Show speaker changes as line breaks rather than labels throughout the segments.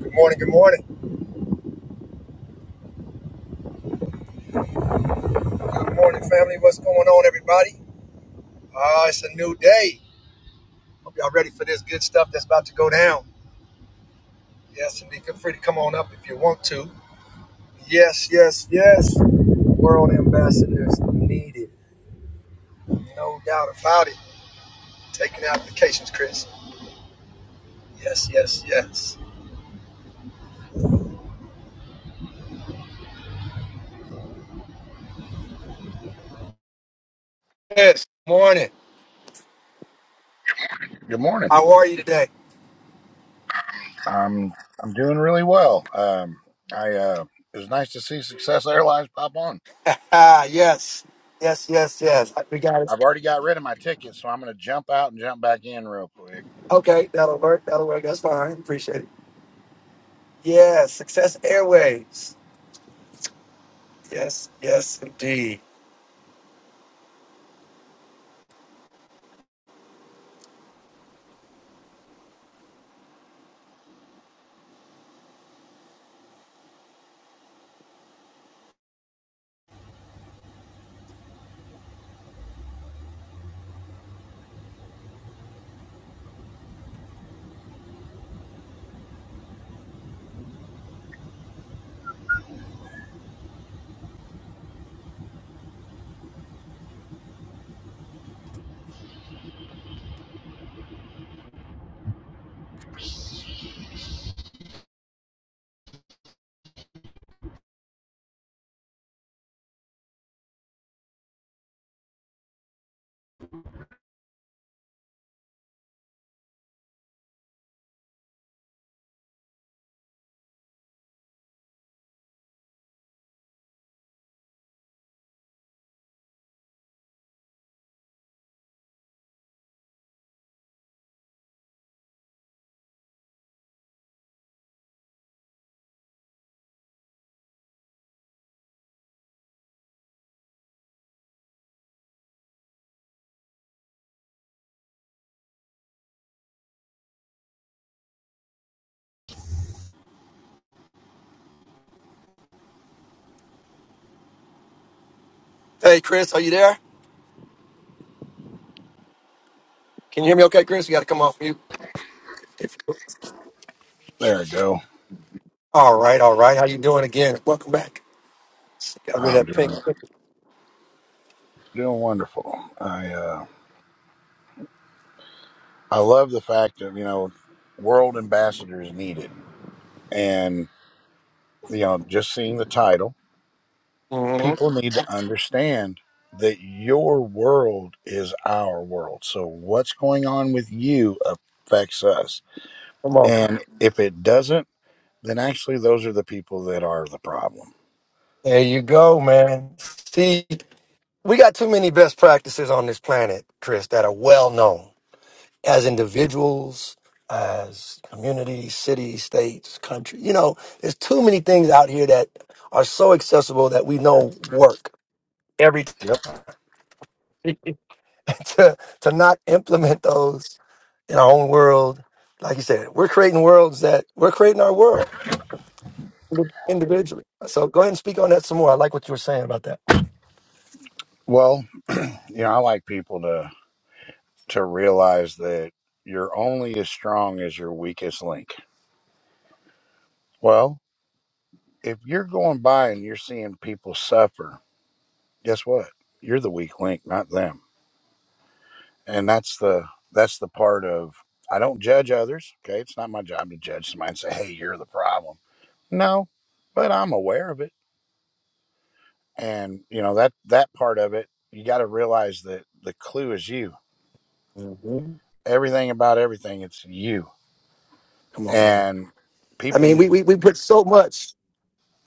Good morning, good morning. Good morning, family. What's going on, everybody? Ah, it's a new day. Hope y'all ready for this good stuff that's about to go down. Yes, indeed. Feel free to come on up if you want to. Yes, yes, yes. World ambassadors needed. No doubt about it. Taking applications, Chris. Yes, yes, yes. Yes, morning.
Good morning.
How are you today?
I'm I'm doing really well. Um, I uh, it was nice to see Success Airlines pop on.
Ah, yes. Yes, yes, yes. I- We got it.
I've already got rid of my ticket, so I'm going to jump out and jump back in real quick.
Okay, that'll work. That'll work. That's fine. Appreciate it. Yes, Success Airways. Yes, yes, indeed. Hey, Chris, are you there? Can you hear me okay, Chris? You got to come off mute. If-
There we go.
All right, all right. How you doing again? Welcome back. Got rid of
I'm
that
doing
pink.
doing wonderful. I uh, I love the fact of you know world ambassadors needed, and you know just seeing the title,
Mhm.
people need to understand that your world is our world. So what's going on with you affects us
Come on.
And if it doesn't, then actually those are the people that are the problem.
There you go, man. See, we got too many best practices on this planet, Chris, that are well known as individuals, as communities, cities, states, country. You know, there's too many things out here that are so accessible that we know work every
Yep.
time. to to not implement those in our own world. Like you said, we're creating worlds that we're creating our world individually. So go ahead and speak on that some more. I like what you were saying about that.
Well, you know, I like people to to realize that you're only as strong as your weakest link. Well, if you're going by and you're seeing people suffer, guess what? You're the weak link, not them. And that's the that's the part of I don't judge others. Okay. It's not my job to judge somebody and say, hey, you're the problem. No, but I'm aware of it and you know that that part of it you got to realize that the clue is you
Mhm.
everything about everything it's you
Come on, man.
and
I
people
mean,
need
we, we we put so much.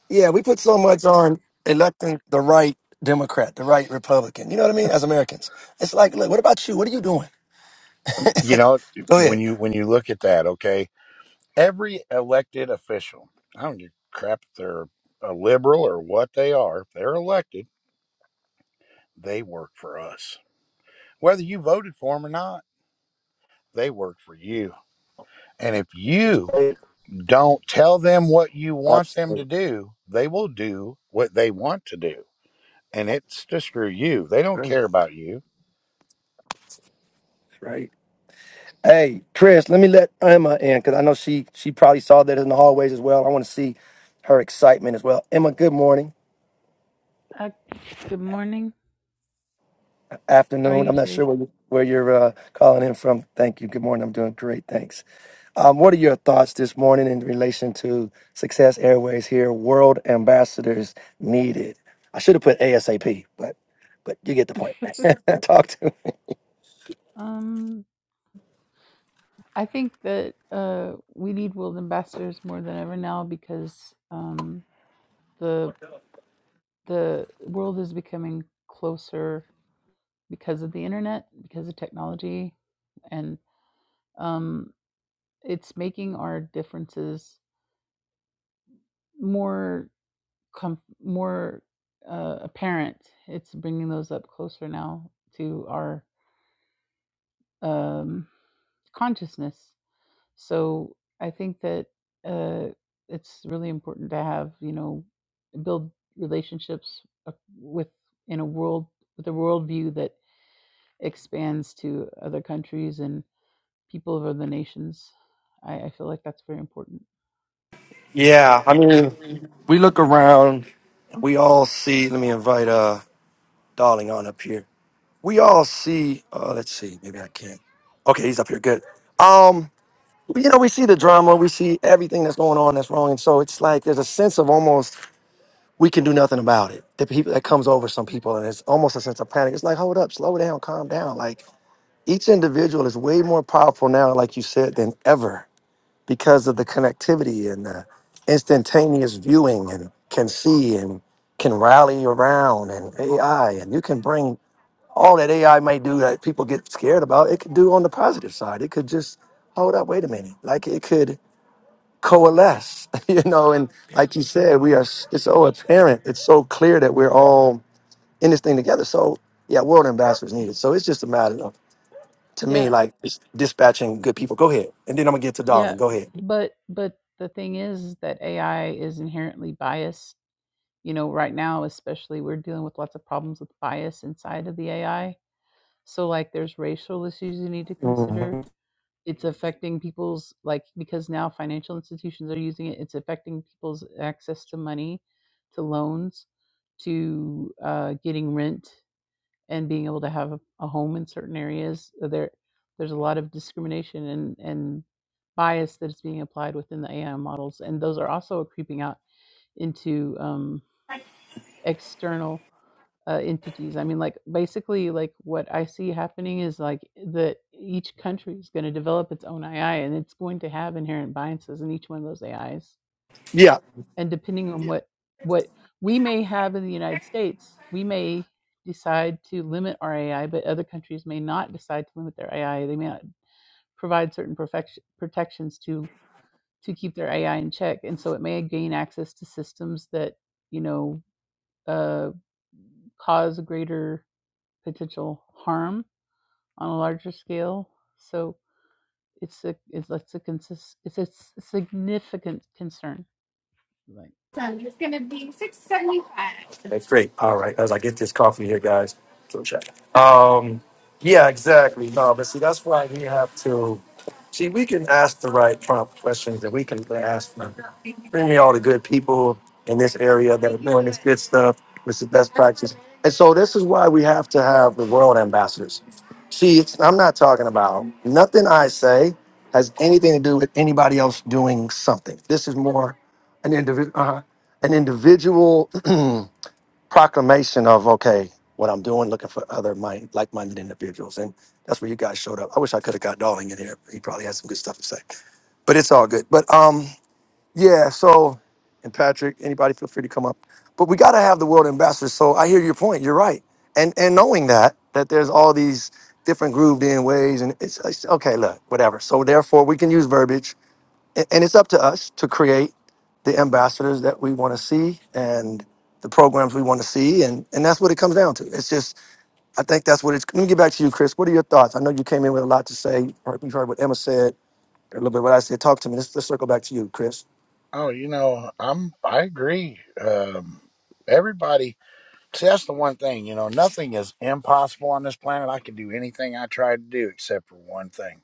Yeah, we put so much on electing the right Democrat, the right Republican. You know what I mean? As Americans, it's like, look, what about you? What are you doing?
you know
Go ahead.
when you when you look at that okay every elected official i don't give a crap if they're a liberal or what they are if they're elected they work for us whether you voted for them or not they work for you and if you
Right.
don't tell them what you want them to
Absolutely.
do they will do what they want to do and it's to screw you. They don't care about you.
Right. Hey, Chris, let me let Emma in because I know she she probably saw that in the hallways as well. I want to see her excitement as well. Emma, good morning,
Uh, good morning. How are
afternoon.
you
I'm not
today?
sure where you, where you're uh, calling in from. Thank you. Good morning. I'm doing great. Thanks. Um, what are your thoughts this morning in relation to Success Airways here? World ambassadors needed. I should have put ASAP, but but you get the point. Talk to.
Um, I think that uh, we need world ambassadors more than ever now because um, the the world is becoming closer because of the internet, because of technology, and um, it's making our differences more com- more uh, apparent. It's bringing those up closer now to our um, consciousness So I think that uh, it's really important to have you know build relationships ac- with in a world with a worldview that expands to other countries and people of other nations. I, I feel like that's very important.
Yeah, I mean, we look around, we all see. Let me invite uh Darling on up here. we all see. Uh, let's see. Maybe I can't. Okay, he's up here. Good. Um, you know, we see the drama. We see everything that's going on that's wrong, and so it's like there's a sense of almost we can do nothing about it. The people that comes over some people, and it's almost a sense of panic. It's like, hold up, slow down, calm down. Like each individual is way more powerful now, like you said, than ever because of the connectivity and the instantaneous viewing and can see and can rally around and AI and you can bring all that AI might do that people get scared about, it could do on the positive side. It could just hold up, wait a minute. Like it could coalesce, you know, and like you said, we are it's so apparent, it's so clear that we're all in this thing together. So yeah, world ambassadors needed. So it's just a matter of to me,
Yeah,
like it's dispatching good people. Go ahead. And then I'm gonna get to
yeah,
Darling. Go ahead.
but but the thing is that AI is inherently biased. You know, right now especially we're dealing with lots of problems with bias inside of the AI. So like there's racial issues you need to consider
Mhm.
it's affecting people's like because now financial institutions are using it it's affecting people's access to money to loans to uh, getting rent and being able to have a, a home in certain areas Uh, there there's a lot of discrimination and and bias that is being applied within the ai models and those are also creeping out into um, external uh, entities. I mean, like basically, like what I see happening is like that each country is going to develop its own AI, and it's going to have inherent biases in each one of those AIs.
Yeah.
And depending on what what we may have in the United States, we may decide to limit our AI, but other countries may not decide to limit their AI. They may not provide certain perfection, protections to to keep their AI in check, and so it may gain access to systems that you know uh, cause greater potential harm on a larger scale. So it's a it's that's a consist it's a significant concern. Right.
That's great. All right. As I get this coffee here, guys, so check. Um, yeah, exactly. No, but see, that's why we have to. See, we can ask the right prompt questions, and we can ask them. Bring me all the good people in this area that are doing this good stuff. This is best practice, and so this is why we have to have the world ambassadors. See, it's, I'm not talking about nothing I say has anything to do with anybody else doing something. This is more an individual, uh, an individual proclamation of okay, what I'm doing, looking for other mind, like-minded individuals, and that's where you guys showed up. I wish I could have got Darling in here. He probably had some good stuff to say, but it's all good. But um, yeah. So, and Patrick, anybody feel free to come up. But we got to have the world ambassadors. So I hear your point. You're right, and and knowing that that there's all these different grooved in ways, and it's, it's okay. Look, whatever. So therefore, we can use verbiage a- And it's up to us to create the ambassadors that we want to see and the programs we want to see. And, and that's what it comes down to. It's just, I think that's what it's. Let me get back to you, Chris. What are your thoughts? I know you came in with a lot to say. You heard you heard what Emma said, a little bit what I said. Talk to me. Let's, let's circle back to you, Chris.
Oh, you know, I'm I agree. Um, everybody, see, that's the one thing. You know, nothing is impossible on this planet. I can do anything I try to do except for one thing.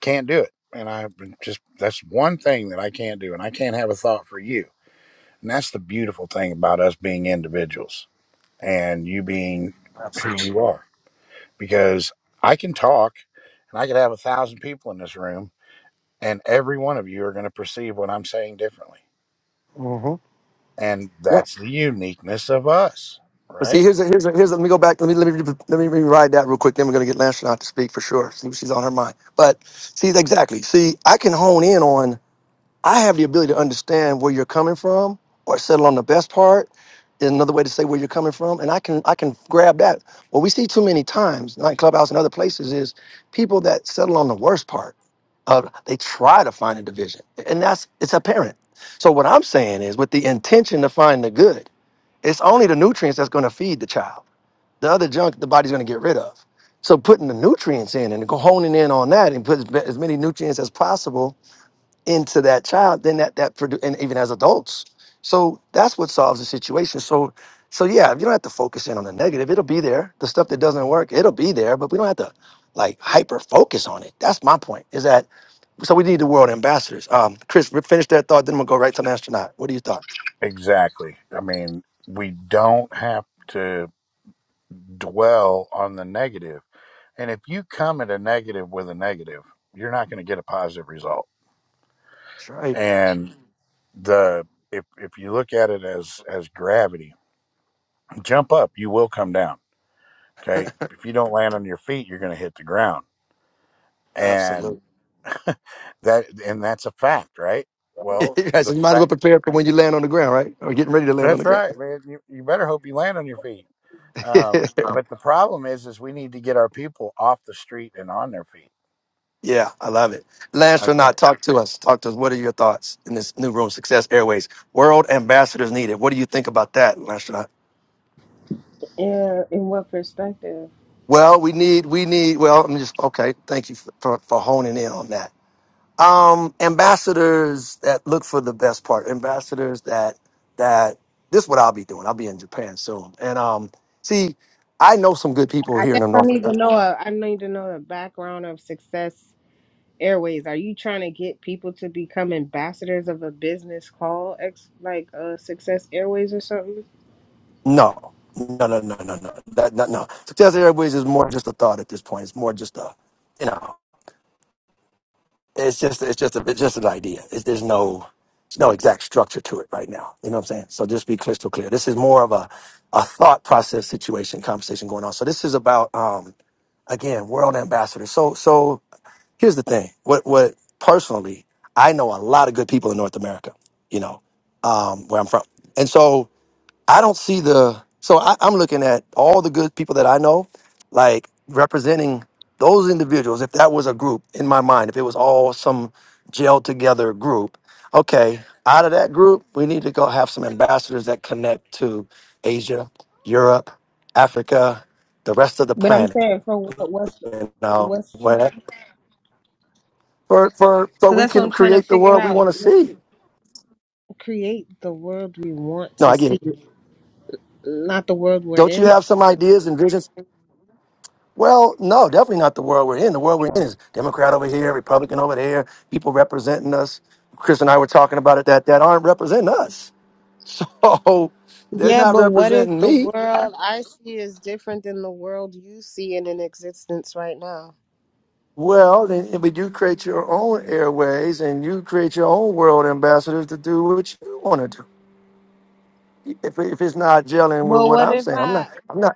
Can't do it, and I just that's one thing that I can't do, and I can't have a thought for you. And that's the beautiful thing about us being individuals and you being who
Absolutely.
you are, because I can talk, and I could have a thousand people in this room. and every one of you are going to perceive what I'm saying differently.
hmm
And
Yeah.
that's the uniqueness of us,
But see,
right?
here's a, here's a, here's a, let me go back. Let me let me let me rewrite that real quick. Then we're gonna get Lancelot to speak for sure. See what she's on her mind. But see, exactly. See, I can hone in on I have the ability to understand where you're coming from or settle on the best part is another way to say where you're coming from. And I can I can grab that. What we see too many times, like Clubhouse and other places, is people that settle on the worst part. Uh, they try to find a division. And that's it's apparent. So what I'm saying is with the intention to find the good, it's only the nutrients that's gonna feed the child. The other junk the body's gonna get rid of. So putting the nutrients in and go honing in on that and put as as many nutrients as possible into that child, then that that produ- and even as adults. So that's what solves the situation. So so yeah, you don't have to focus in on the negative. It'll be there. The stuff that doesn't work, it'll be there, but we don't have to like hyper focus on it. That's my point. Is that so we need the world ambassadors. Um Chris, re- finish that thought, then we'll go right to an astronaut. What do you thought?
Exactly. I mean, we don't have to dwell on the negative. And if you come at a negative with a negative, you're not going to get a positive result.
That's right.
And the if if you look at it as as gravity, jump up, you will come down. Okay? If you don't land on your feet, you're going to hit the ground. And
Absolutely.
that and that's a fact, right? Well,
Right, so
the
you might as well
fact
prepare for when you land on the ground, right? Or getting ready to land on the
that's
ground.
right, man. You, you better hope you land on your feet. Um, but the problem is, is we need to get our people off the street and on their feet.
Yeah, I love it.
Okay.
Not talk to us. Talk to us. What are your thoughts in this new room? Success Airways? World ambassadors needed. What do you think about that, Landstronaut?
Yeah, in what perspective?
Well, we need, we need, well, I'm just, okay, thank you for, for, for honing in on that. Um, ambassadors that look for the best part, ambassadors that, that, this is what I'll be doing. I'll be in Japan soon. And, um, see, I know some good people
I
here in
guess
the
I
North.
need
uh,
to know. A, I need to know the background of Success Airways. Are you trying to get people to become ambassadors of a business called ex, like uh, Success Airways or something?
No, no, no, no, no, no, that, no, no. Success Airways is more just a thought at this point. It's more just a, you know. it's just it's just a, it's just an idea. It's, there's no there's no exact structure to it right now. You know what I'm saying? So just be crystal clear. This is more of a a thought process situation conversation going on. So this is about um again world ambassadors. So so here's the thing. What what personally I know a lot of good people in North America. You know um, where I'm from, and so. I don't see the so I, I'm looking at all the good people that I know, like representing those individuals. If that was a group in my mind, if it was all some gel together group, okay, out of that group, we need to go have some ambassadors that connect to Asia, Europe, Africa, the rest of the
But I'm
planet,
saying for what? What's
you know,
what's?
whatever. For for so
So
we
that's what
can
I'm trying to
create the
figure
world we
out.
want to
Let's
see.
create the world we want
No,
to
I get
see,
it.
not the world we're
Don't you
in.
have some ideas and visions? Well, no, definitely not the world we're in. The world we're in is Democrat over here, Republican over there, people representing us. Chris and I were talking about it that that aren't representing us. So they're
Yeah,
not
but what if
representing
the
me.
world I see is different than the world you see in an existence right now?
Well, then, but you create your own airways and you create your own world ambassadors to do what you want to do. If, if it's not gelling with
Well,
what
what
I'm
if
saying, I'm
I?
not, I'm not,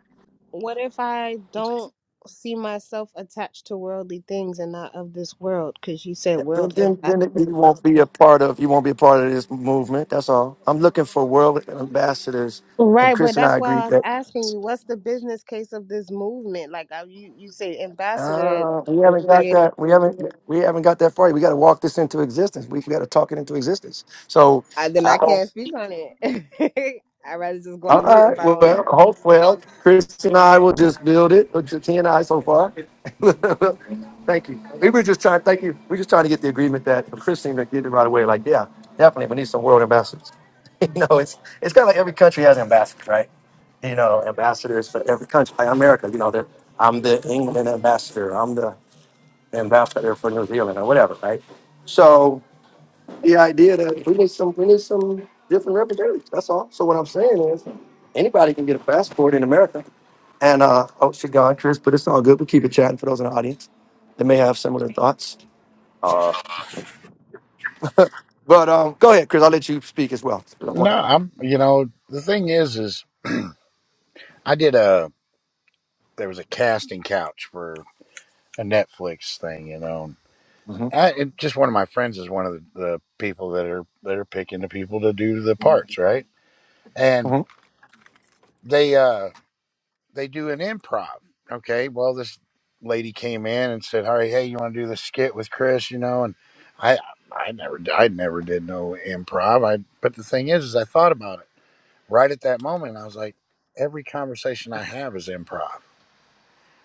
what if I don't see myself attached to worldly things and not of this world? Because you said
then,
world
then,
impact.
then it- you won't be a part of, you won't be a part of this movement. That's all. I'm looking for world ambassadors. And
Right, but
Chris and
that's
I
why I
agreed
was
that.
asking you, what's the business case of this movement? Like, I, you you say ambassador
Uh, we
and
haven't got
creating,
that. We haven't. We haven't got that far. yet. We got to walk this into existence. We got to talk it into existence. So,
I, then
I
I
don't,
can't speak on it. I'd rather just go
all
on mute if
right.
I don't
Well,
know.
hope well. Chris and I will just build it. Or just he and I so far. thank you. We were just trying. Thank you. We're just trying to get the agreement that Chris seemed to get it right away. Like, yeah, definitely. We need some world ambassadors. you know, it's it's kind of like every country has ambassadors, right? you know, ambassadors for every country. Like America, you know, that I'm the England ambassador. I'm the and bounce out there for New Zealand or whatever, right? So the idea that we need some we need some different representatives. That's all. So what I'm saying is anybody can get a passport in America. And uh oh she gone, Chris, but it's all good. we keep it chatting for those in the audience that may have similar thoughts. But um go ahead, Chris, I'll let you speak as well. I don't
No,
want
I'm. You know, the thing is, is I did a there was a casting couch for a Netflix thing. You know,
hmm
I and just one of my friends is one of the, the people that are that are picking the people to do the parts, right?
to.
And
hmm
they uh they do an improv. Okay, well, this lady came in and said, "All right, hey, you want to do this skit with Chris?" You know, and I, I never, I never did no improv. I, but the thing is, is I thought about it right at that moment, and I was like, every conversation I have is improv.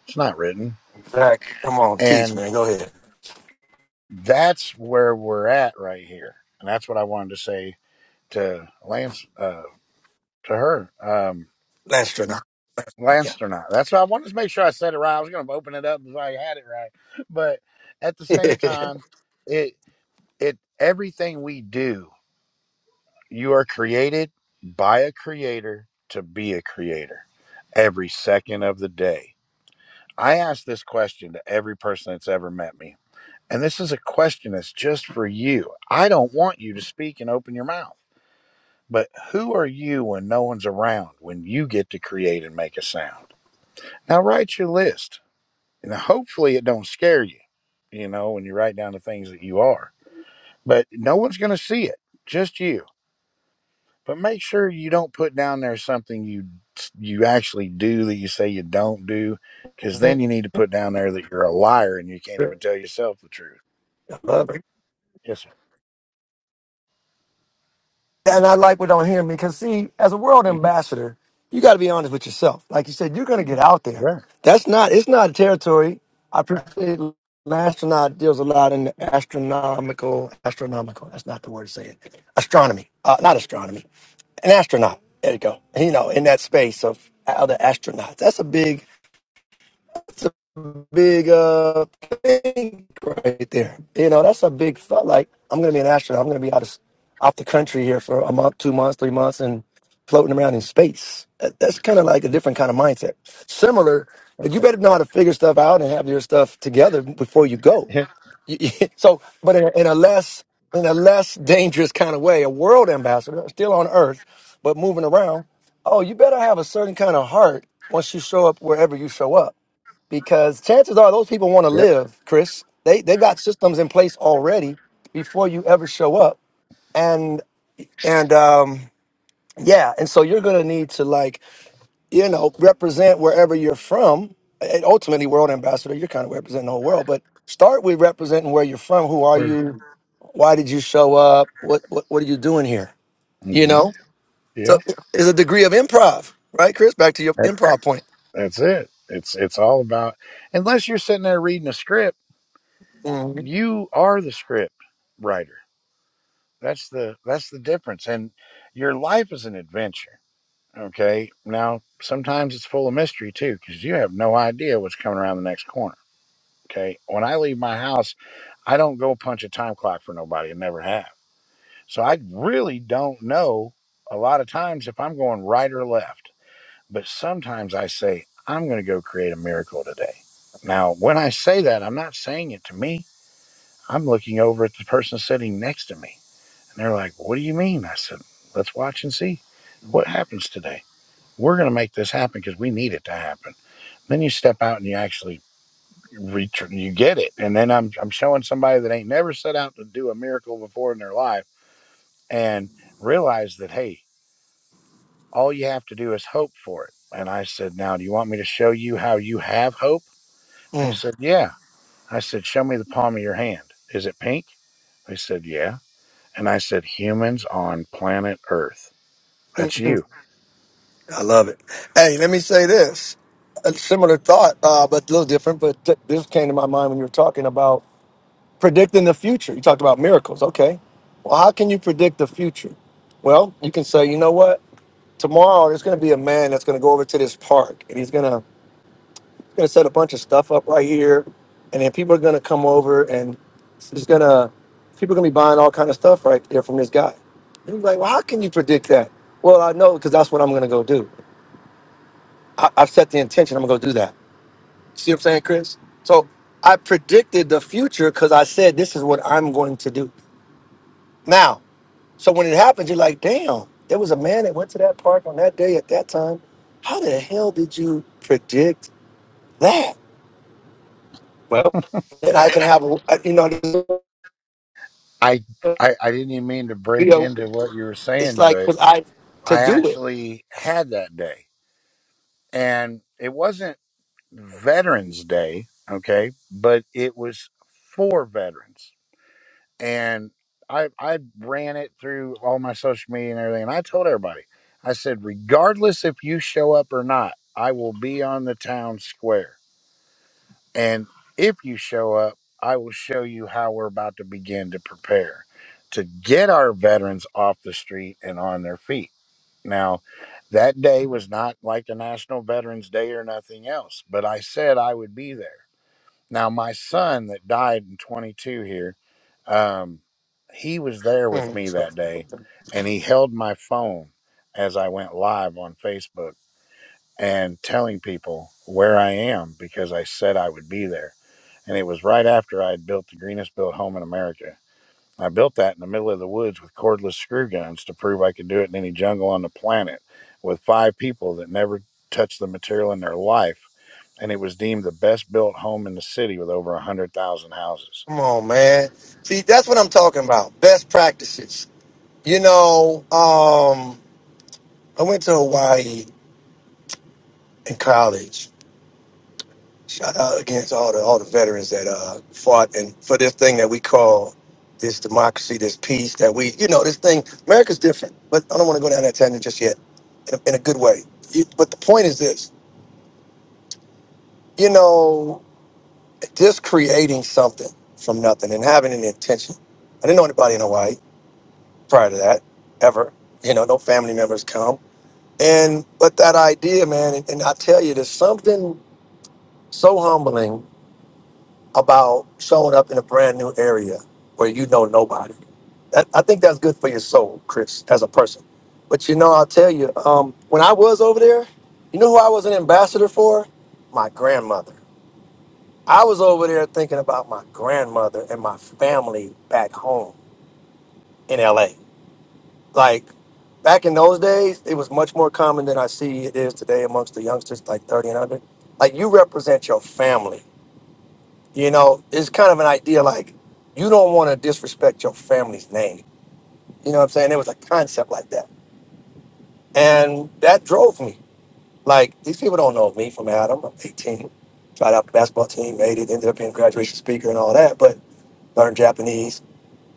It's not written,
Zach, come on, teach,
and
man. Go ahead.
that's where we're at right here, and that's what I wanted to say to Lance, uh, to her. Um,
Last Yeah.
Lansternaut. That's why I wanted to make sure I said it right. I was going to open it up if I had it right, but at the same time, it it everything we do, you are created by a creator to be a creator every second of the day. I ask this question to every person that's ever met me, and this is a question that's just for you. I don't want you to speak and open your mouth, but who are you when no one's around? When you get to create and make a sound. Now write your list and hopefully it don't scare you you know when you write down the things that you are but no one's going to see it just you but make sure you don't put down there something you you actually do that you say you don't do because then you need to put down there that you're a liar and you can't even tell yourself the truth
I love it.
yes sir
And I like what don't hear me because, see, as a world
Mhm.
ambassador, you got to be honest with yourself. Like you said, you're going to get out there.
yeah
That's not, it's not a territory. I appreciate an astronaut deals a lot in the astronomical, astronomical. That's not the word to say it. Astronomy, uh, not astronomy, an astronaut. There you go. You know, in that space of other astronauts. That's a big, big uh thing right there. You know, that's a big thought. Like, I'm gonna be an astronaut. I'm gonna be out of off the country here for a month, two months, three months, and floating around in space. That- That's kind of like a different kind of mindset. Similar, but you better know how to figure stuff out and have your stuff together before you go.
yeah
You- you- so, but in a, in a less in a less dangerous kind of way, a world ambassador, still on Earth, but moving around. Oh, you better have a certain kind of heart once you show up wherever you show up because chances are those people want to
yep
live, Chris. They they've got systems in place already before you ever show up, and and um, yeah, and so you're gonna need to like you know represent wherever you're from. And ultimately, world ambassador, you're kind of representing the whole world, but start with representing where you're from. Who are
Or-
you? Why did you show up? What what what are you doing here?
mm,
You
yep
know, so
yep
it's a degree of improv, right, Chris? Back to your
that's,
improv
that's it it's it's all about unless you're sitting there reading a script
point.
you are the script writer that's the that's the difference and your life is an adventure okay now sometimes it's full of mystery too because you have no idea what's coming around the next corner okay when i leave my house i don't go punch a time clock for nobody and never have so i really don't know a lot of times if i'm going right or left but sometimes i say i'm going to go create a miracle today now when i say that i'm not saying it to me i'm looking over at the person sitting next to me and they're like, What do you mean? I said, Let's watch and see what happens today. We're going to make this happen because we need it to happen. Then you step out and you actually return, you get it. And then I'm, I'm showing somebody that ain't never set out to do a miracle before in their life and realize that, hey, all you have to do is hope for it. And I said, Now, do you want me to show you how you have hope? They said, Yeah. I said, Show me the palm of your hand. Is it pink? They said, Yeah. And I said, Humans on planet Earth. That's you.
I love it. Hey, let me say this. A similar thought, uh, but a little different. But th- this came to my mind when you were talking about predicting the future. You talked about miracles. Okay. Well, how can you predict the future? Well, you can say, you know what? Tomorrow there's going to be a man that's going to go over to this park and he's going to going to set a bunch of stuff up right here, and then people are going to come over and he's going to people are going to be buying all kind of stuff right there from this guy. And he's like, well, how can you predict that? Well, I know because that's what I'm going to go do. I, I've set the intention. I'm gonna go do that. See what I'm saying, Chris? So I predicted the future because I said this is what I'm going to do. Now, so when it happens, you're like, damn, there was a man that went to that park on that day at that time. How the hell did you predict that? Well, then I can have a, uh, you know,
I,
this
I I didn't even mean to break
video.
into what you were
It's
saying,
like
but
was I to
I
do it?
actually had that day, and it wasn't Veterans Day, okay, but it was for veterans, and I I ran it through all my social media and everything, and I told everybody, I said, regardless if you show up or not, I will be on the town square. And if you show up, I will show you how we're about to begin to prepare to get our veterans off the street and on their feet. Now, that day was not like a National Veterans Day or nothing else, but I said I would be there. Now, my son that died in 22 here, um, he was there with
Hmm,
me that day and he held my phone as I went live on Facebook and telling people where I am because I said I would be there and it was right after I had built the greenest built home in America. I built that in the middle of the woods with cordless screw guns to prove I could do it in any jungle on the planet with five people that never touched the material in their life. And it was deemed the best built home in the city with over 100,000 houses.
Come on, man. See, that's what I'm talking about. Best practices. You know, um, I went to Hawaii in college. Shout out against all the all the veterans that uh, fought and for this thing that we call this democracy, this peace that we, you know, this thing. America's different, but I don't want to go down that tangent just yet, in a, in a good way. You, but the point is this: you know, just creating something from nothing and having an intention. I didn't know anybody in Hawaii prior to that ever. You know, no family members come, and but that idea, man, and, and I tell you, there's something so humbling about showing up in a brand new area where you know nobody. That, I think that's good for your soul, Chris, as a person. But you know, I'll tell you, um, when I was over there, you know who I was an ambassador for? My grandmother. I was over there thinking about my grandmother and my family back home in LA. Like back in those days, it was much more common than I see it is today amongst the youngsters like 30 and under. Like you represent your family You know, it's kind of an idea like you don't want to disrespect your family's name. You know what I'm saying? There was a concept like that. And that drove me. Like, these people don't know me from Adam. I'm 18. Tried out for the basketball team, made it, ended up being a graduation speaker and all that, but learned Japanese,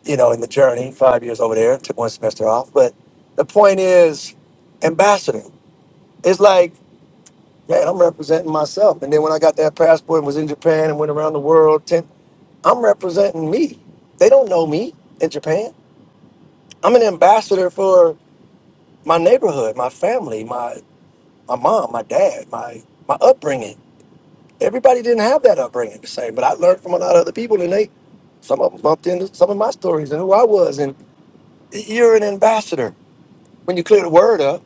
you know, in the journey, five years over there, took one semester off. But the point is, ambassador. It's like, man, I'm representing myself. And then when I got that passport and was in Japan and went around the world, 10. I'm representing me. They don't know me in Japan. I'm an ambassador for my neighborhood, my family, my my mom, my dad, my my upbringing. Everybody didn't have that upbringing the same, but I learned from a lot of other people, and they some of them bumped into some of my stories and who I was. And you're an ambassador. When you clear the word up,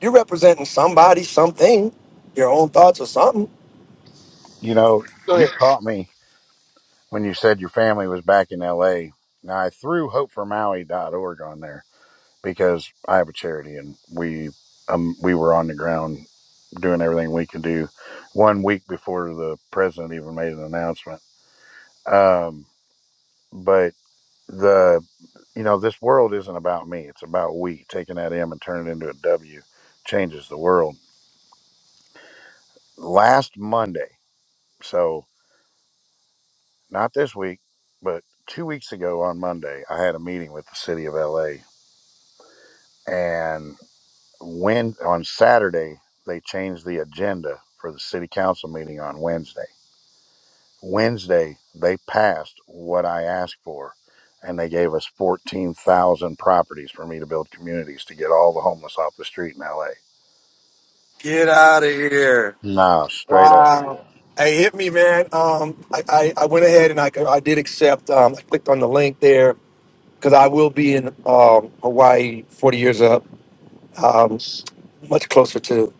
you're representing somebody, something, your own thoughts or something.
You know, you caught me when you said your family was back in LA. Now, I threw hopeformaui.org on there because I have a charity and we um, we were on the ground doing everything we could do one week before the president even made an announcement. Um, but the, you know, this world isn't about me. It's about we. Taking that M and turning it into a W changes the world. Last Monday, so not this week, but two weeks ago on Monday, I had a meeting with the city of LA. And when on Saturday, they changed the agenda for the city council meeting on Wednesday Wednesday, they passed what I asked for, and they gave us 14,000 properties for me to build communities to get all the homeless off the street in LA.
Get out of here.
Nah, straight up.
Wow. Hey, hit me, man. Um, I, I, I went ahead and I, I did accept. Um, I clicked on the link there because I will be in um, Hawaii 40 years up, um, much closer to,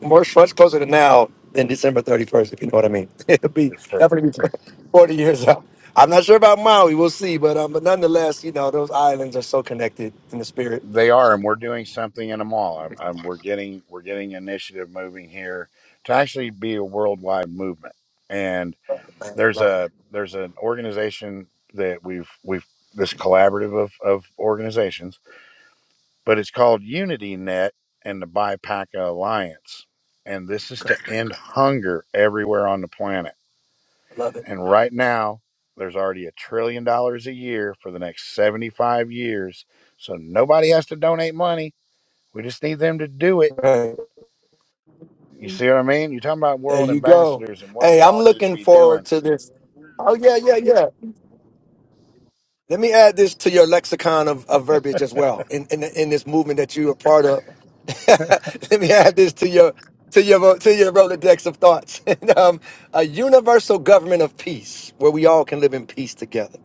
much, much closer to now than December 31st, if you know what I mean. It'll be
It's straight.
definitely be 40 years up. I'm not sure about Maui. We'll see. But, um, but nonetheless, you know, those islands are so connected in the spirit.
They are, and we're doing something in them all. I'm, I'm, we're getting we're getting initiative moving here to actually be a worldwide movement. And there's a there's an organization that we've we've this collaborative of, of organizations but it's called Unity Net and the BIPACA Alliance. And this is to end hunger everywhere on the planet.
I love it.
And right now, there's already a trillion dollars a year for the next 75 years. So nobody has to donate money. We just need them to do it.
Right.
You see what I mean? You're talking about
There
world
you go.
ambassadors and what
Hey,
we
I'm
all need to
looking
be
forward
doing.
to this. Oh, yeah, yeah, yeah. Let me add this to your lexicon of, of verbiage as well in, in in this movement that you're a part of. Let me add this to your to your to your rolodex of thoughts. And, um, a universal government of peace, where we all can live in peace together.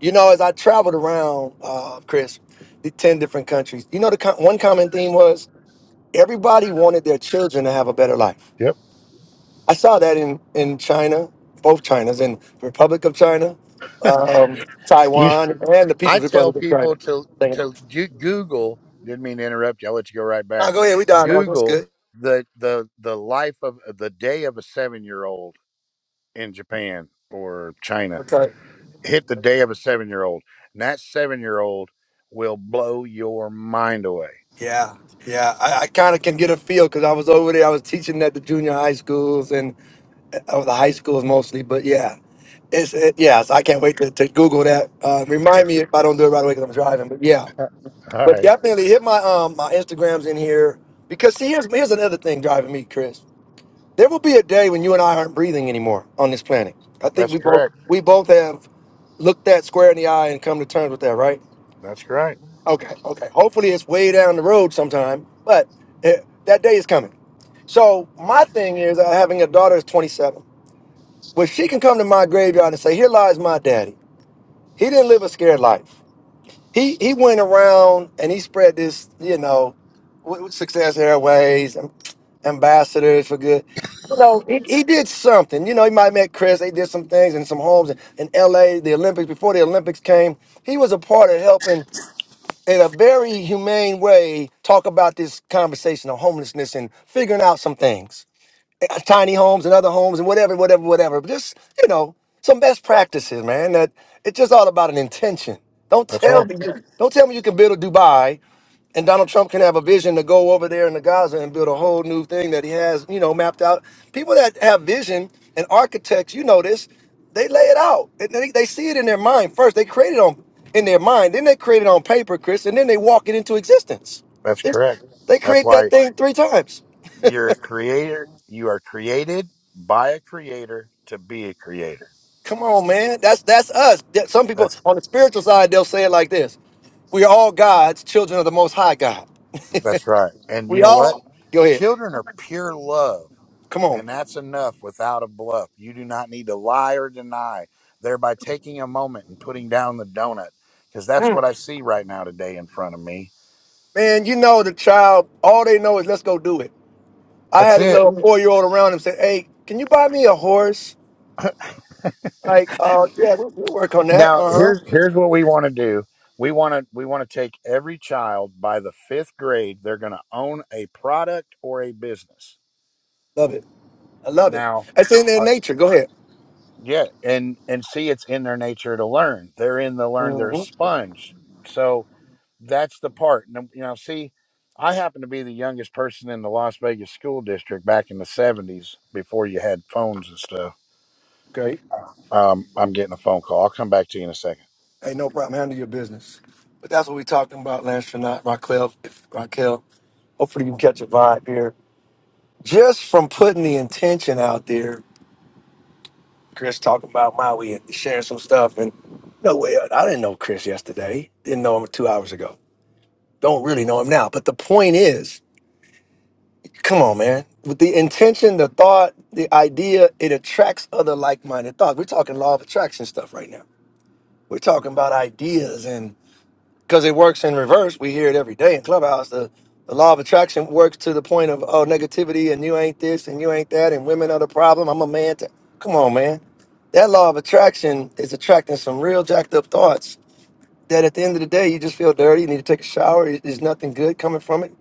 You know, as I traveled around, uh, Chris, the ten different countries. You know, the co- one common theme was everybody wanted their children to have a better life.
Yep.
I saw that in in China, both Chinas, in the Republic of China, um,
You
Taiwan, and the
I
People's
tell
Republic of China.
people to
Thing.
to
No,
you Google. Didn't mean to interrupt you. I'll let you go right back.
go ahead. We dialogue. That's
Google
good.
the the the life of uh, the day of a seven year old in Japan or China.
Okay.
Hit the day of a seven year old, and that seven year old will blow your mind away.
Yeah, yeah. I, I kind of can get a feel because I was over there. I was teaching at the junior high schools and uh, the high schools mostly. But yeah, it's it, yeah. So I can't wait to, to Google that. Uh, remind me if I don't do it right away because I'm driving. But yeah,
All
but
right,
definitely hit my um my Instagrams in here because see here's here's another thing driving me, Chris. There will be a day when you and I aren't breathing anymore on this planet. I think
that's
we both
correct.
we both have looked that square in the eye and come to terms with that, right?
That's right.
Okay, okay. Hopefully, it's way down the road sometime, but eh, that day is coming. So my thing is, uh, having a daughter is 27. Well, she can come to my graveyard and say, "Here lies my daddy. He didn't live a scared life he he went around and he spread this, you know, with, with Success Airways, um, ambassadors for good. You know, he, he did something. You know, he might met Chris. They did some things in some homes in, in L.A. The Olympics before the Olympics came, he was a part of helping in a very humane way talk about this conversation of homelessness and figuring out some things uh, tiny homes and other homes and whatever, whatever, whatever. But just, you know, some best practices, man. That it's just all about an intention. Don't
That's
tell
right.
me you don't tell me you can build a Dubai and Donald Trump can have a vision to go over there in the Gaza and build a whole new thing that he has, you know, mapped out. People that have vision and architects, you know this, they lay it out. And They, they see it in their mind first. They create it on in their mind, then they create it on paper, Chris, and then they walk it into existence.
That's
They
correct.
they
That's
create that
why
thing three times.
you're a creator. You are created by a creator to be a creator.
Come on, man. That's that's us. That- Some people
That's
on the spiritual side they'll say it like this: We are all God's children of the Most High God.
that's right. And you
We
know what?
all. Go ahead.
Children are pure love,
Come on,
and that's enough without a bluff. You do not need to lie or deny, thereby taking a moment and putting down the donut, because that's what I see right now today in front of me.
man. You know the child. All they know is let's go do it. I
That's
had a
it.
little four year old around him say, "Hey, can you buy me a horse?" Like, uh, yeah, we'll, we'll work on that.
Now
Uh
here's
huh.
here's what we want to do. We want to we want to take every child by the fifth grade. They're going to own a product or a business.
Love it. I love it.
Now,
It's in their
our,
nature. Go ahead.
yeah, and and see it's in their nature to learn. They're in the learn. They're a
hmm
sponge. So that's the part. And, you know, see, I happen to be the youngest person in the Las Vegas school district back in the 70s before you had phones and stuff.
Great.
Um, I'm getting a phone call. I'll come back to you in a second.
Hey, no problem. Handle your business. But that's what we're talking about, Lance Trinot, Raquel. If, Raquel. Hopefully, you can catch a vibe here just from putting the intention out there, Chris talking about Maui and sharing some stuff. And no way, I didn't know Chris yesterday. Didn't know him two hours ago. Don't really know him now. But the point is, come on, man. With the intention, the thought, the idea, it attracts other like-minded thoughts. We're talking law of attraction stuff right now. We're talking about ideas and. because it works in reverse. We hear it every day in Clubhouse. The, the law of attraction works to the point of oh negativity and you ain't this and you ain't that and women are the problem. I'm a man. To, come on, man. That law of attraction is attracting some real jacked up thoughts that at the end of the day you just feel dirty. You need to take a shower. It- There's nothing good coming from it.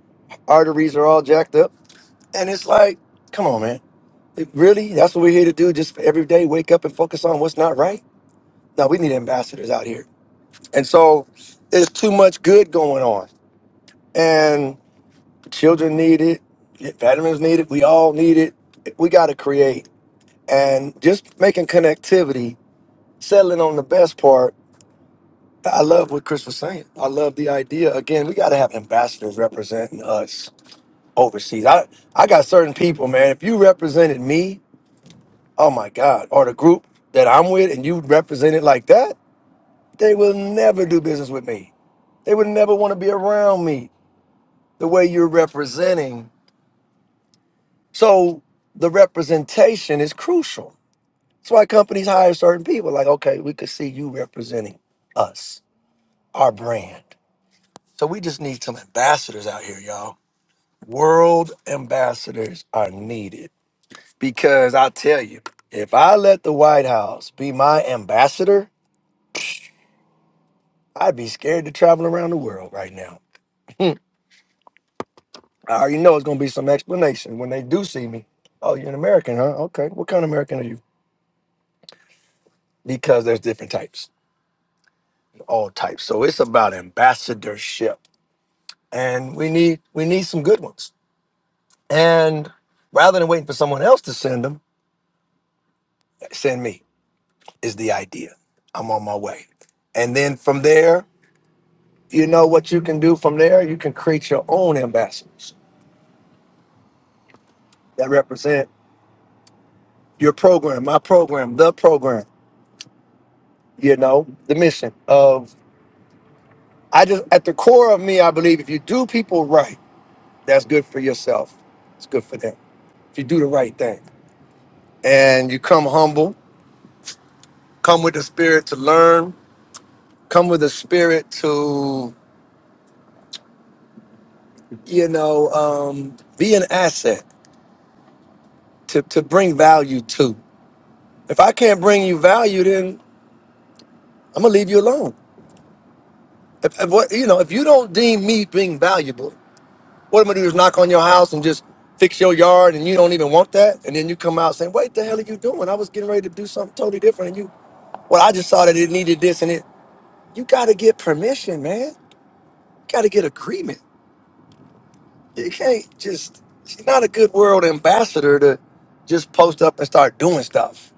Arteries are all jacked up, and it's like, come on, man. It- really, that's what we're here to do. Just every day, wake up and focus on what's not right. No, we need ambassadors out here, and so there's too much good going on and children need it, veterans need it, we all need it. We got to create and just making connectivity, settling on the best part. I love what Chris was saying. I love the idea. Again, we got to have ambassadors representing us overseas. I I got certain people, man. If you represented me, oh my God, or the group that I'm with, and you represented like that, they will never do business with me. They would never want to be around me the way you're representing So the representation is crucial. That's why companies hire certain people. Like, okay, we could see you representing us, our brand. So we just need some ambassadors out here, y'all. World ambassadors are needed because I tell you, if I let the White House be my ambassador, I'd be scared to travel around the world right now. I already know it's going to be some explanation when they do see me. Oh, you're an American, huh? Okay. What kind of American are you? Because there's different types. all types. So it's about ambassadorship, and we need we need some good ones. And rather than waiting for someone else to send them, send me is the idea. I'm on my way, and then from there, you know what you can do from there. You can create your own ambassadors that represent your program, my program, the program. You know the mission of I just at the core of me, I believe if you do people right, that's good for yourself. It's good for them. If you do the right thing and you come humble come with the spirit to learn come with the spirit to you know um, be an asset to, to bring value to if i can't bring you value then i'm gonna leave you alone if, if what you know if you don't deem me being valuable what i'm gonna do is knock on your house and just fix your yard and you don't even want that and then you come out saying what the hell are you doing i was getting ready to do something totally different and you well i just saw that it needed this and it you gotta get permission man you gotta get agreement you can't just she's not a good world ambassador to just post up and start doing stuff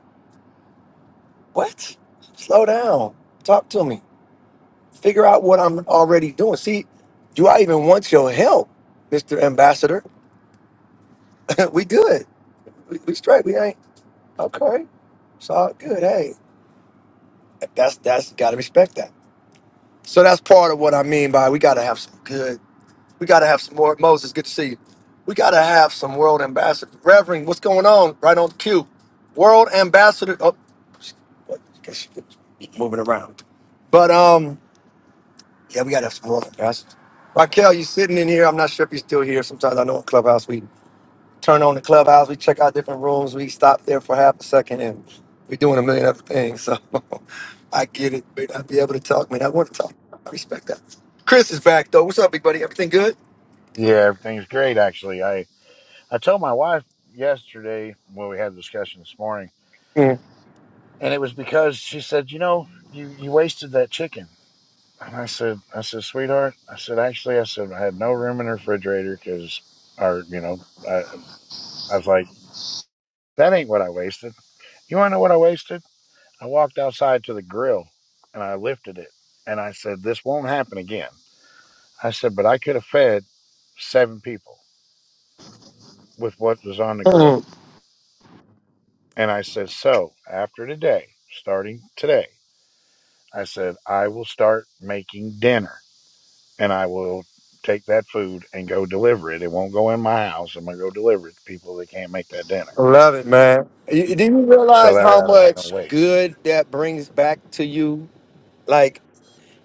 what slow down talk to me figure out what i'm already doing see do i even want your help mr ambassador we good we, we straight we ain't okay it's all good hey that's that's gotta respect that so that's part of what i mean by we gotta have some good We got to have some more. Moses, good to see you. We got to have some world ambassador. Reverend, what's going on? Right on cue. World ambassador. Oh, sh- what? Guess she- moving around. But um, yeah, we got to have some world ambassadors. Raquel, you sitting in here. I'm not sure if you're still here. Sometimes I know in Clubhouse, we turn on the Clubhouse, we check out different rooms, we stop there for half a second, and we're doing a million other things. So I get it. May not be able to talk, may not want to talk. I respect that. Chris is back, though. What's up, big buddy? Everything good?
Yeah, everything's great, actually. I, I told my wife yesterday when we had a discussion this morning,
Mm.
and it was because she said, You know, you, you wasted that chicken. And I said, I said, sweetheart, I said, actually, I said, I had no room in the refrigerator because, or, you know, I, I was like, that ain't what I wasted. You want to know what I wasted? I walked outside to the grill and I lifted it and I said, This won't happen again. I said, But I could have fed seven people with what was on the grill. And I said, So after today, starting today, I said, I will start making dinner and I will take that food and go deliver it. It won't go in my house. I'm going to go deliver it to people that can't make that dinner.
I love it, man. You- Do you
So
realize
that
how
way I don't have
much
no waste.
good that brings back to you, like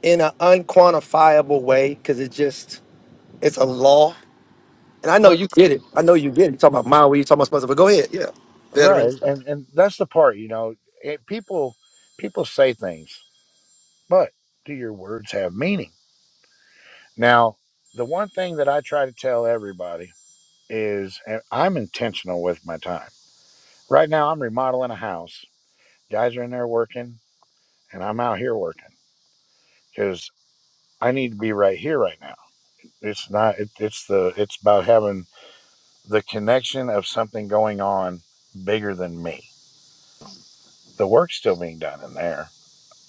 in an unquantifiable way? Because it just, it's a law. And I know
But,
you get it. I know you get it. you talking about Maui, you talking about Spencer, but go ahead. Yeah.
right.
Veterans.
And, and that's the part, you know, it, people, people say things but do your words have meaning? Now, the one thing that I try to tell everybody is and I'm intentional with my time. Right now, I'm remodeling a house. Guys are in there working, and I'm out here working because I need to be right here right now. It's not. It, it's the. It's about having the connection of something going on bigger than me. The work's still being done in there.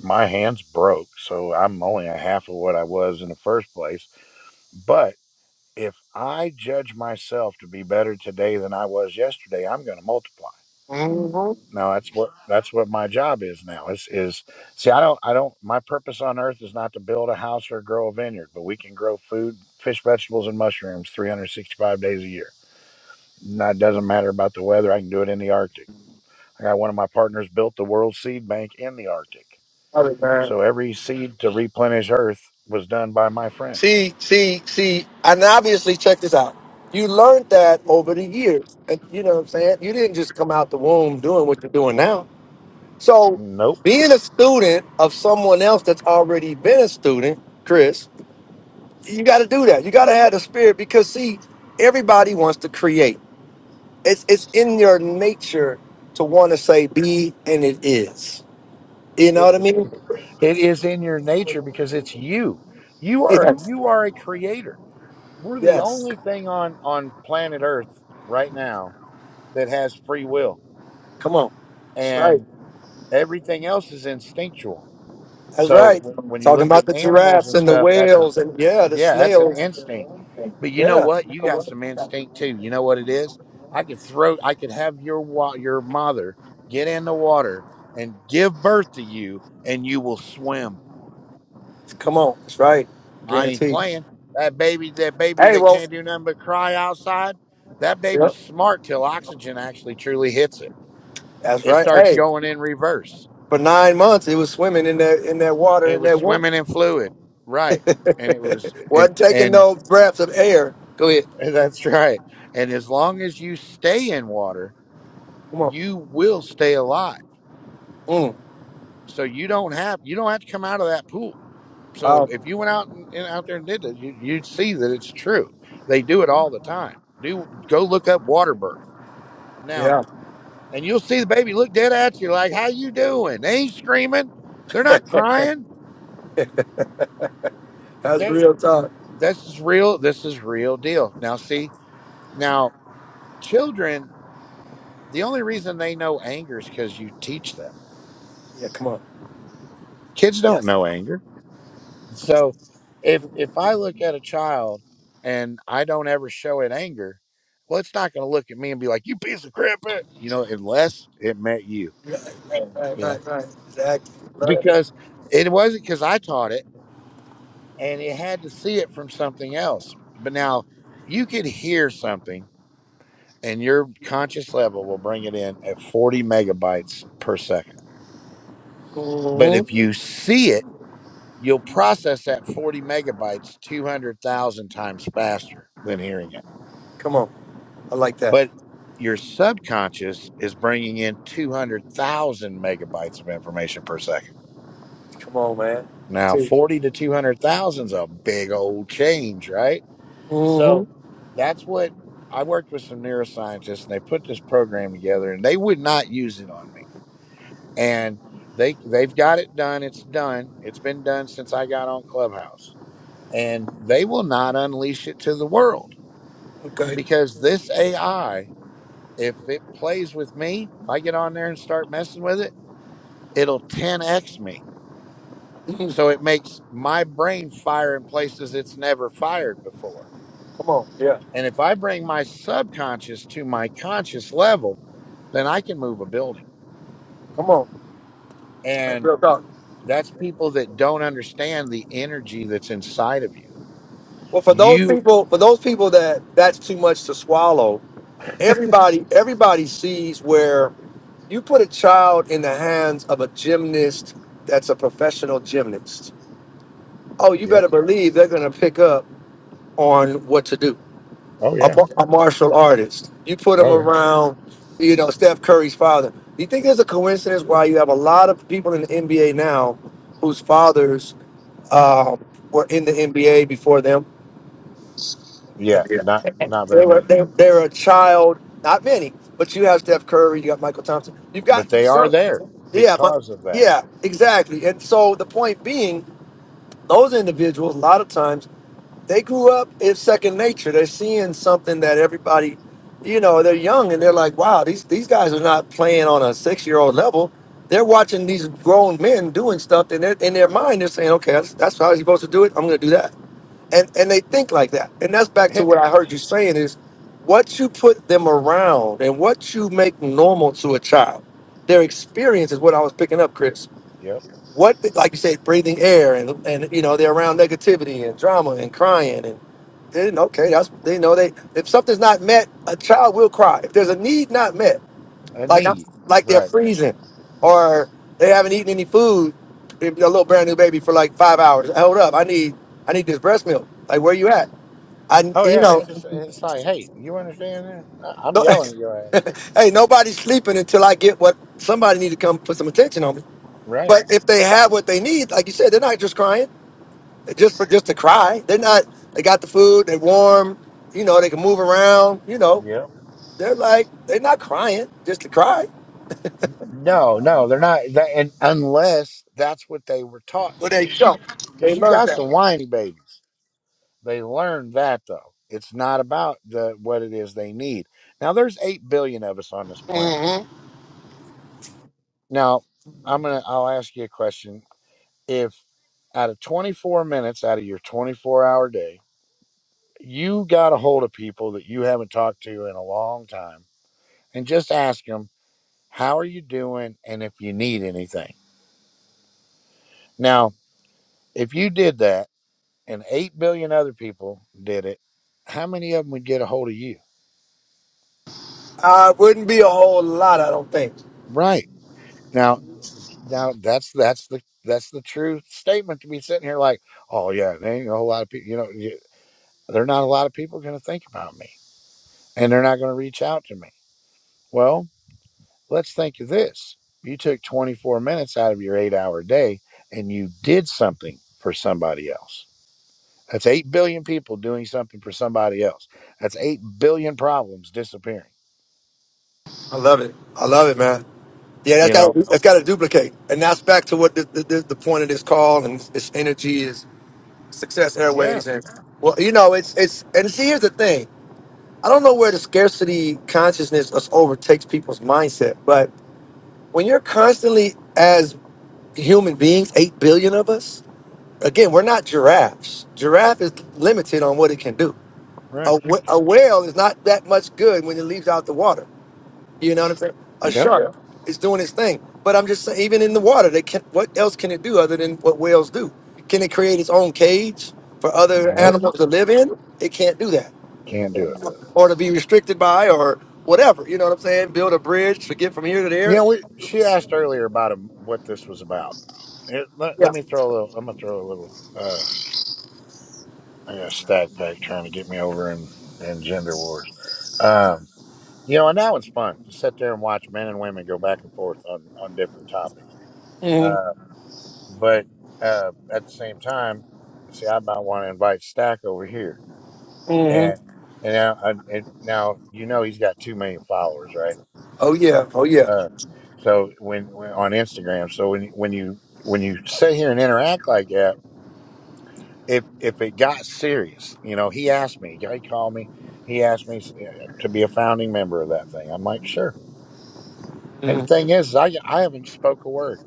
My hands broke, so I'm only a half of what I was in the first place. But if I judge myself to be better today than I was yesterday, I'm going to multiply.
hmm
Now that's what that's what my job is now. Is is see I don't I don't my purpose on earth is not to build a house or grow a vineyard, but we can grow food, fish, vegetables, and mushrooms 365 days a year. Now, it doesn't matter about the weather. I can do it in the Arctic. I got one of my partners built the World Seed Bank in the Arctic,
Love it, man.
so every seed to replenish Earth was done by my friend.
See, see, see, and obviously, check this out. You learned that over the years. And you know what I'm saying? You didn't just come out the womb doing what you're doing now. So
Nope.
being a student of someone else that's already been a student, Chris, you got to do that. You got to have the spirit because see, everybody wants to create. It's it's in your nature to want to say be and it is. You know what I mean?
It is in your nature because it's you. You are
Yes.
you are a creator. We're the
Yes.
only thing on on planet Earth right now that has free will,
Come on.
and everything else is instinctual.
That's
So
right.
w- when you
Talking
look
about
at
the
animals
giraffes
and
and the
stuff, that's an
whales and yeah, the
yeah, that's an
snails.
instinct. But you know
Yeah.
what? You got some instinct too. You know what it is? I could throw. I could have your wa- your mother get in the water and give birth to you, and you will swim
Come on. That's right.
I ain't
Guaranteed.
playing. That baby, that baby
Hey,
that
well,
can't do nothing but cry outside, that
Yep.
baby's smart till oxygen actually truly hits it.
that's
It
right.
starts
Hey.
going in reverse.
For nine months, he was swimming in that in that water
It
in
was
that water.
swimming in fluid, right? And it was, and
wasn't taking
and
no breaths of air. Go ahead.
that's right. And as long as you stay in water,
Come on.
you will stay alive.
Mm.
So you don't have you don't have to come out of that pool. So
Wow.
if you went out and, and out there and did it, you, you'd see that it's true. They do it all the time. Do go look up water birth now.
Yeah.
and you'll see the baby look dead at you like how you doing they ain't screaming they're not crying
That's
they
real talk.
this is real this is real deal now see now children the only reason they know anger is because you teach them
Yeah. Come on.
kids don't
Yes.
know anger so if if i look at a child and i don't ever show it anger well it's not going to look at me and be like you piece of crap eh," you know unless it met you you know
Exactly.
because it wasn't because i taught it and it had to see it from something else. But now you could hear something, and your conscious level will bring it in at 40 megabytes per second. But
hmm
if you see it, you'll process that 40 megabytes 200,000 times faster than hearing it.
Come on. I like that.
But your subconscious is bringing in 200,000 megabytes of information per second.
Come on, man.
Now, 40 to 200,000 is a big old change, right? So
Mm-hmm.
that's what I worked with some neuroscientists, and they put this program together, and they would not use it on me. And they they've got it done. It's done. It's been done since I got on Clubhouse, and they will not unleash it to the world
Okay.
because this AI, if it plays with me, if I get on there and start messing with it, it'll 10x me.
Mhm.
So it makes my brain fire in places it's never fired before
Come on. Yeah.
And if I bring my subconscious to my conscious level, then I can move a building.
Come on. That's
And
real talk.
that's people that don't understand the energy that's inside of you.
Well, for those
You
people, for those people that that's too much to swallow, everybody, everybody sees where. You put a child in the hands of a gymnast that's a professional gymnast. Oh, you
Yeah.
better believe they're going to pick up on what to do.
Oh
A,
yeah.
mar- a martial artist. You put them
Oh yeah.
around, you know, Steph Curry's father. Do you think there's a coincidence why you have a lot of people in the NBA now whose fathers um, were in the NBA before them?
Yeah, not not very many.
They're a child, not many, but you have Steph Curry, you got Michael Thompson. You've
But
got,
they are there
yeah, my,
because of that.
yeah, exactly. And so the point being, those individuals a lot of times they grew up it's second nature they're seeing something that everybody you know they're young and they're like wow these these guys are not playing on a six year old level they're watching these grown men doing stuff and they're, in their mind they're saying okay that's, that's how you're supposed to do it i'm going to do that and and they think like that and that's back to
yep.
what i heard you saying is what you put them around and what you make normal to a child their experience is what i was picking up chris
Yep.
what like you said breathing air and and you know they're around negativity and drama and crying and then okay that's they know they if something's not met a child will cry if there's a need not met
A
like I'm,
need.
like they're
Right.
freezing or they haven't eaten any food if a little brand new baby for like five hours hold up i need i need this breast milk like where you at i
Oh
you
yeah, it's
know
just it's like, hey, you understand that? I- I'm
no,
yelling at your ass.
hey nobody's sleeping until i get what somebody need to come put some attention on me
Right.
but if they have what they need, like you said, they're not just crying, just for just to cry. They're not. They got the food. They're warm. You know, they can move around. You know,
Yep.
they're like they're not crying just to cry.
No, no, they're not that and unless that's what they were taught
But
to
they
do
don't.
because you got some whiny babies. They learn that though. It's not about the what it is they need. Now there's eight billion of us on this planet. Now I'm gonna I'll ask you a question. If out of 24 minutes out of your 24 hour day, you got a hold of people that you haven't talked to in a long time, and just ask them how are you doing and if you need anything. Now if you did that and eight billion other people did it, how many of them would get a hold of you?
Uh, wouldn't be a whole lot, I don't think.
Right. Now, now that's that's the that's the true statement to be sitting here like, oh yeah, there ain't a whole lot of people. You know, you, there are not a lot of people going to think about me, and they're not going to reach out to me. Well, let's think of this: you took 24 minutes out of your eight-hour day, and you did something for somebody else. That's eight billion people doing something for somebody else. That's eight billion problems disappearing.
I love it. I love it, man. Yeah, that's
You
got
know?
that's got to duplicate, and that's back to what the, the, the point of this call and its energy is success
Yeah.
airways, and well, you know, it's it's and see, here's the thing. I don't know where the scarcity consciousness us overtakes people's mindset, but when you're constantly as human beings, eight billion of us, again, we're not giraffes. Giraffe is limited on what it can do.
Right.
A, wh- a whale is not that much good when it leaves out the water. You know what I'm saying? A
Yep.
shark Yeah. is doing its thing, but I'm just saying, even in the water, they can. What else can it do other than what whales do? Can it create its own cage for other
Nope.
animals to live in? It can't do that
Can't do it.
or to be restricted by or whatever. You know what I'm saying? Build a bridge to get from here to
You
there.
know, we, she asked earlier about um what this was about Here, let, let me throw a little. I'm gonna throw a little. Uh, I got a stack pack trying to get me over in, in gender wars. Um, you know, and that one's fun to sit there and watch men and women go back and forth on on different topics.
Mm-hmm.
Uh, but uh, at the same time, see, I might want to invite Stack over here, and
Mm-hmm.
and now I, it, now you know he's got two million followers, right?
Oh yeah, oh yeah.
Uh, so when, when on Instagram, so when you- when you when you sit here and interact like that if if it got serious, you know, he asked me. He called me. He asked me uh, to be a founding member of that thing. I'm like, sure. And the
Mm-hmm.
thing is, is I I haven't spoke a word.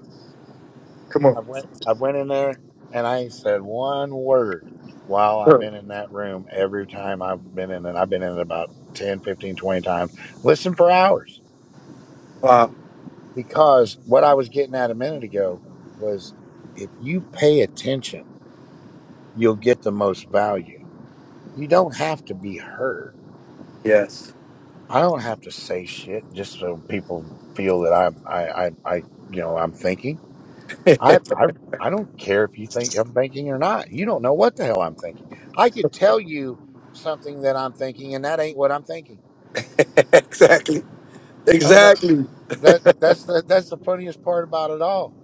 Come on.
I went I went in there and I ain't said one word while I've been in that room. Every time I've been in it, I've been in it about 10, 15, 20 times. Listen for hours
Wow.
because what I was getting at a minute ago was if you pay attention, you'll get the most value. You don't have to be heard
Yes.
I don't have to say shit just so people feel that I'm I I, I you know I'm thinking. I I I don't care if you think I'm thinking or not. You don't know what the hell I'm thinking. I could tell you something that I'm thinking, and that ain't what I'm thinking.
exactly.
I was like
Exactly.
that. That's the that's the funniest part about it all.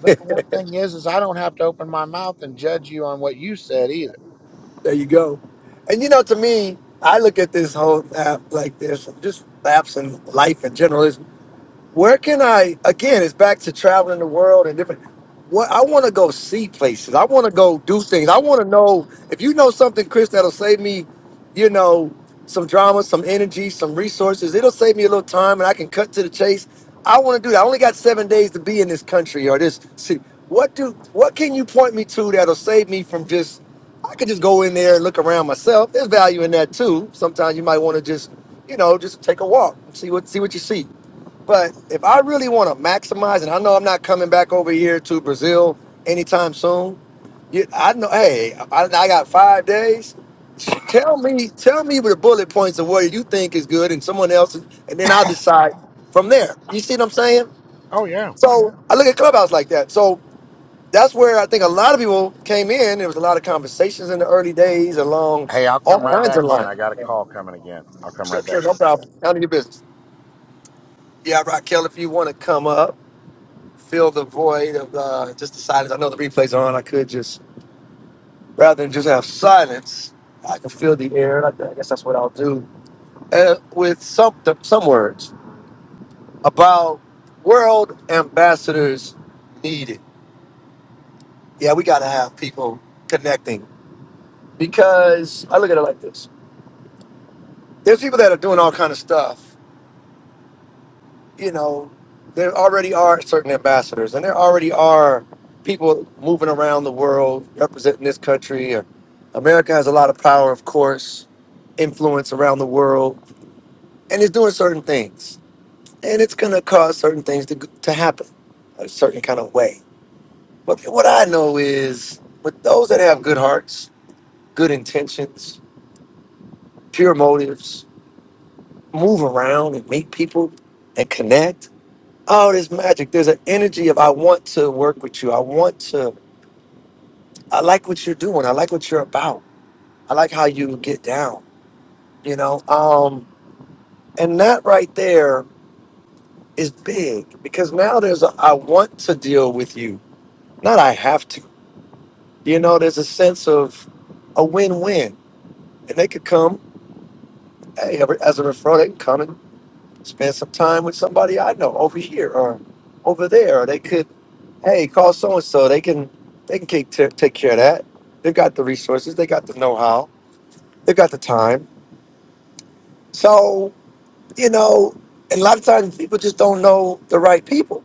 But the one thing is, is I don't have to open my mouth and judge you on what you said either.
There you go. And you know, to me, I look at this whole app like this, just apps and life in general. where can I again? It's back to traveling the world and different. What I want to go see places. I want to go do things. I want to know if you know something, Chris, that'll save me, you know, some drama, some energy, some resources. It'll save me a little time, and I can cut to the chase. I want to do that. I only got seven days to be in this country or this city. What do? What can you point me to that'll save me from just? I could just go in there and look around myself. There's value in that too. Sometimes you might want to just, you know, just take a walk and see what see what you see. But if I really want to maximize, and I know I'm not coming back over here to Brazil anytime soon, you, I know. Hey, I, I got five days. Tell me, tell me the bullet points of what you think is good, and someone else, and then I'll decide from there. You see what I'm saying?
Oh yeah.
So I look at clubhouse like that. So that's where I think a lot of people came in. There was a lot of conversations in the early days along
Hey, I'll come
all
right
kinds of
back in.
lines.
I got a call coming again. I'll come right
Sure,
back.
sure, no problem. None of your business. Yeah, Raquel, if you want to come up. fill the void of uh, just the silence. I know the replays are on. I could just rather than just have silence, I can fill the air. I I guess that's what I'll do uh, with some some words about world ambassadors needed. Yeah, we got to have people connecting because I look at it like this: there's people that are doing all kind of stuff, you know, there already are certain ambassadors, and there already are people moving around the world representing this country. Or America has a lot of power, of course, influence around the world, and it's doing certain things, and it's going to cause certain things to to happen a certain kind of way. But what I know is, with those that have good hearts, good intentions, pure motives, move around and meet people and connect Oh, there's magic. There's an energy of I want to work with you. I want to. I like what you're doing. I like what you're about. I like how you get down. You know, um, and that right there is big because now there's a I want to deal with you, not I have to. You know, there's a sense of a win-win, and they could come. Hey, ever- as a referral, they can come and spend some time with somebody I know over here or over there. Or they could. hey, call so and so. They can they can take, ta- take care of that. They've got the resources. They got the know how. They've got the time. So you know, and a lot of times people just don't know the right people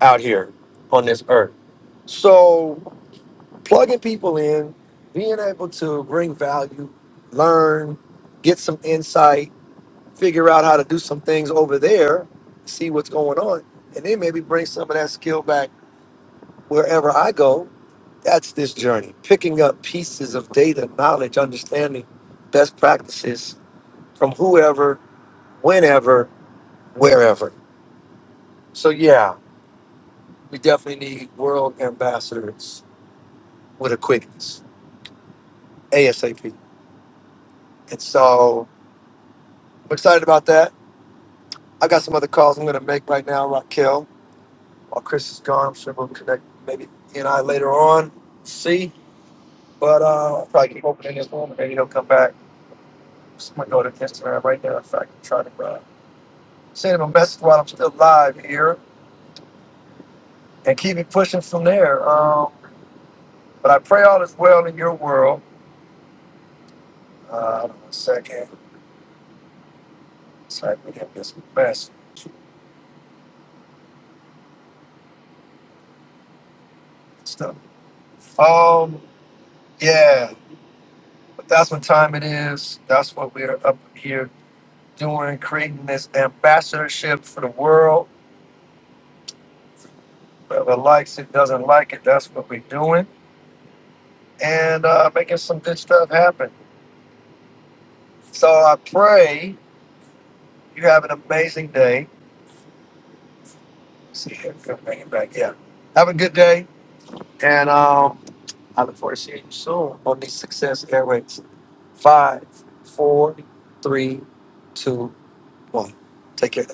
out here on this earth. So plugging people in, being able to bring value, learn, get some insight, figure out how to do some things over there, see what's going on, and then maybe bring some of that skill back wherever I go That's this journey, picking up pieces of data, knowledge, understanding, best practices from whoever, whenever, wherever. So, yeah, we definitely need world ambassadors with a quickness, ASAP. And so I'm excited about that. I got some other calls I'm going to make right now, Raquel. While Chris is gone, I'm sure we'll connect maybe he and I later on. See, but uh, I'll probably keep opening this room and maybe he'll come back. So I'm going to go to Instagram right now. In fact, and try to grab. sending a message while I'm still live here and keep it pushing from there. Um, but I pray all is well in your world. Uh, hold on a second. Type it in this message and stuff. Um, yeah, but that's what time it is. That's what we're up here doing, creating this ambassadorship for the world. Whoever likes it, doesn't like it, that's what we're doing. And uh, making some good stuff happen. So I pray you have an amazing day. See if I can bring it back. Yeah. Have a good day, and um, I look forward to seeing you soon on the Success Airways. Five, four, three, two, one. Take care.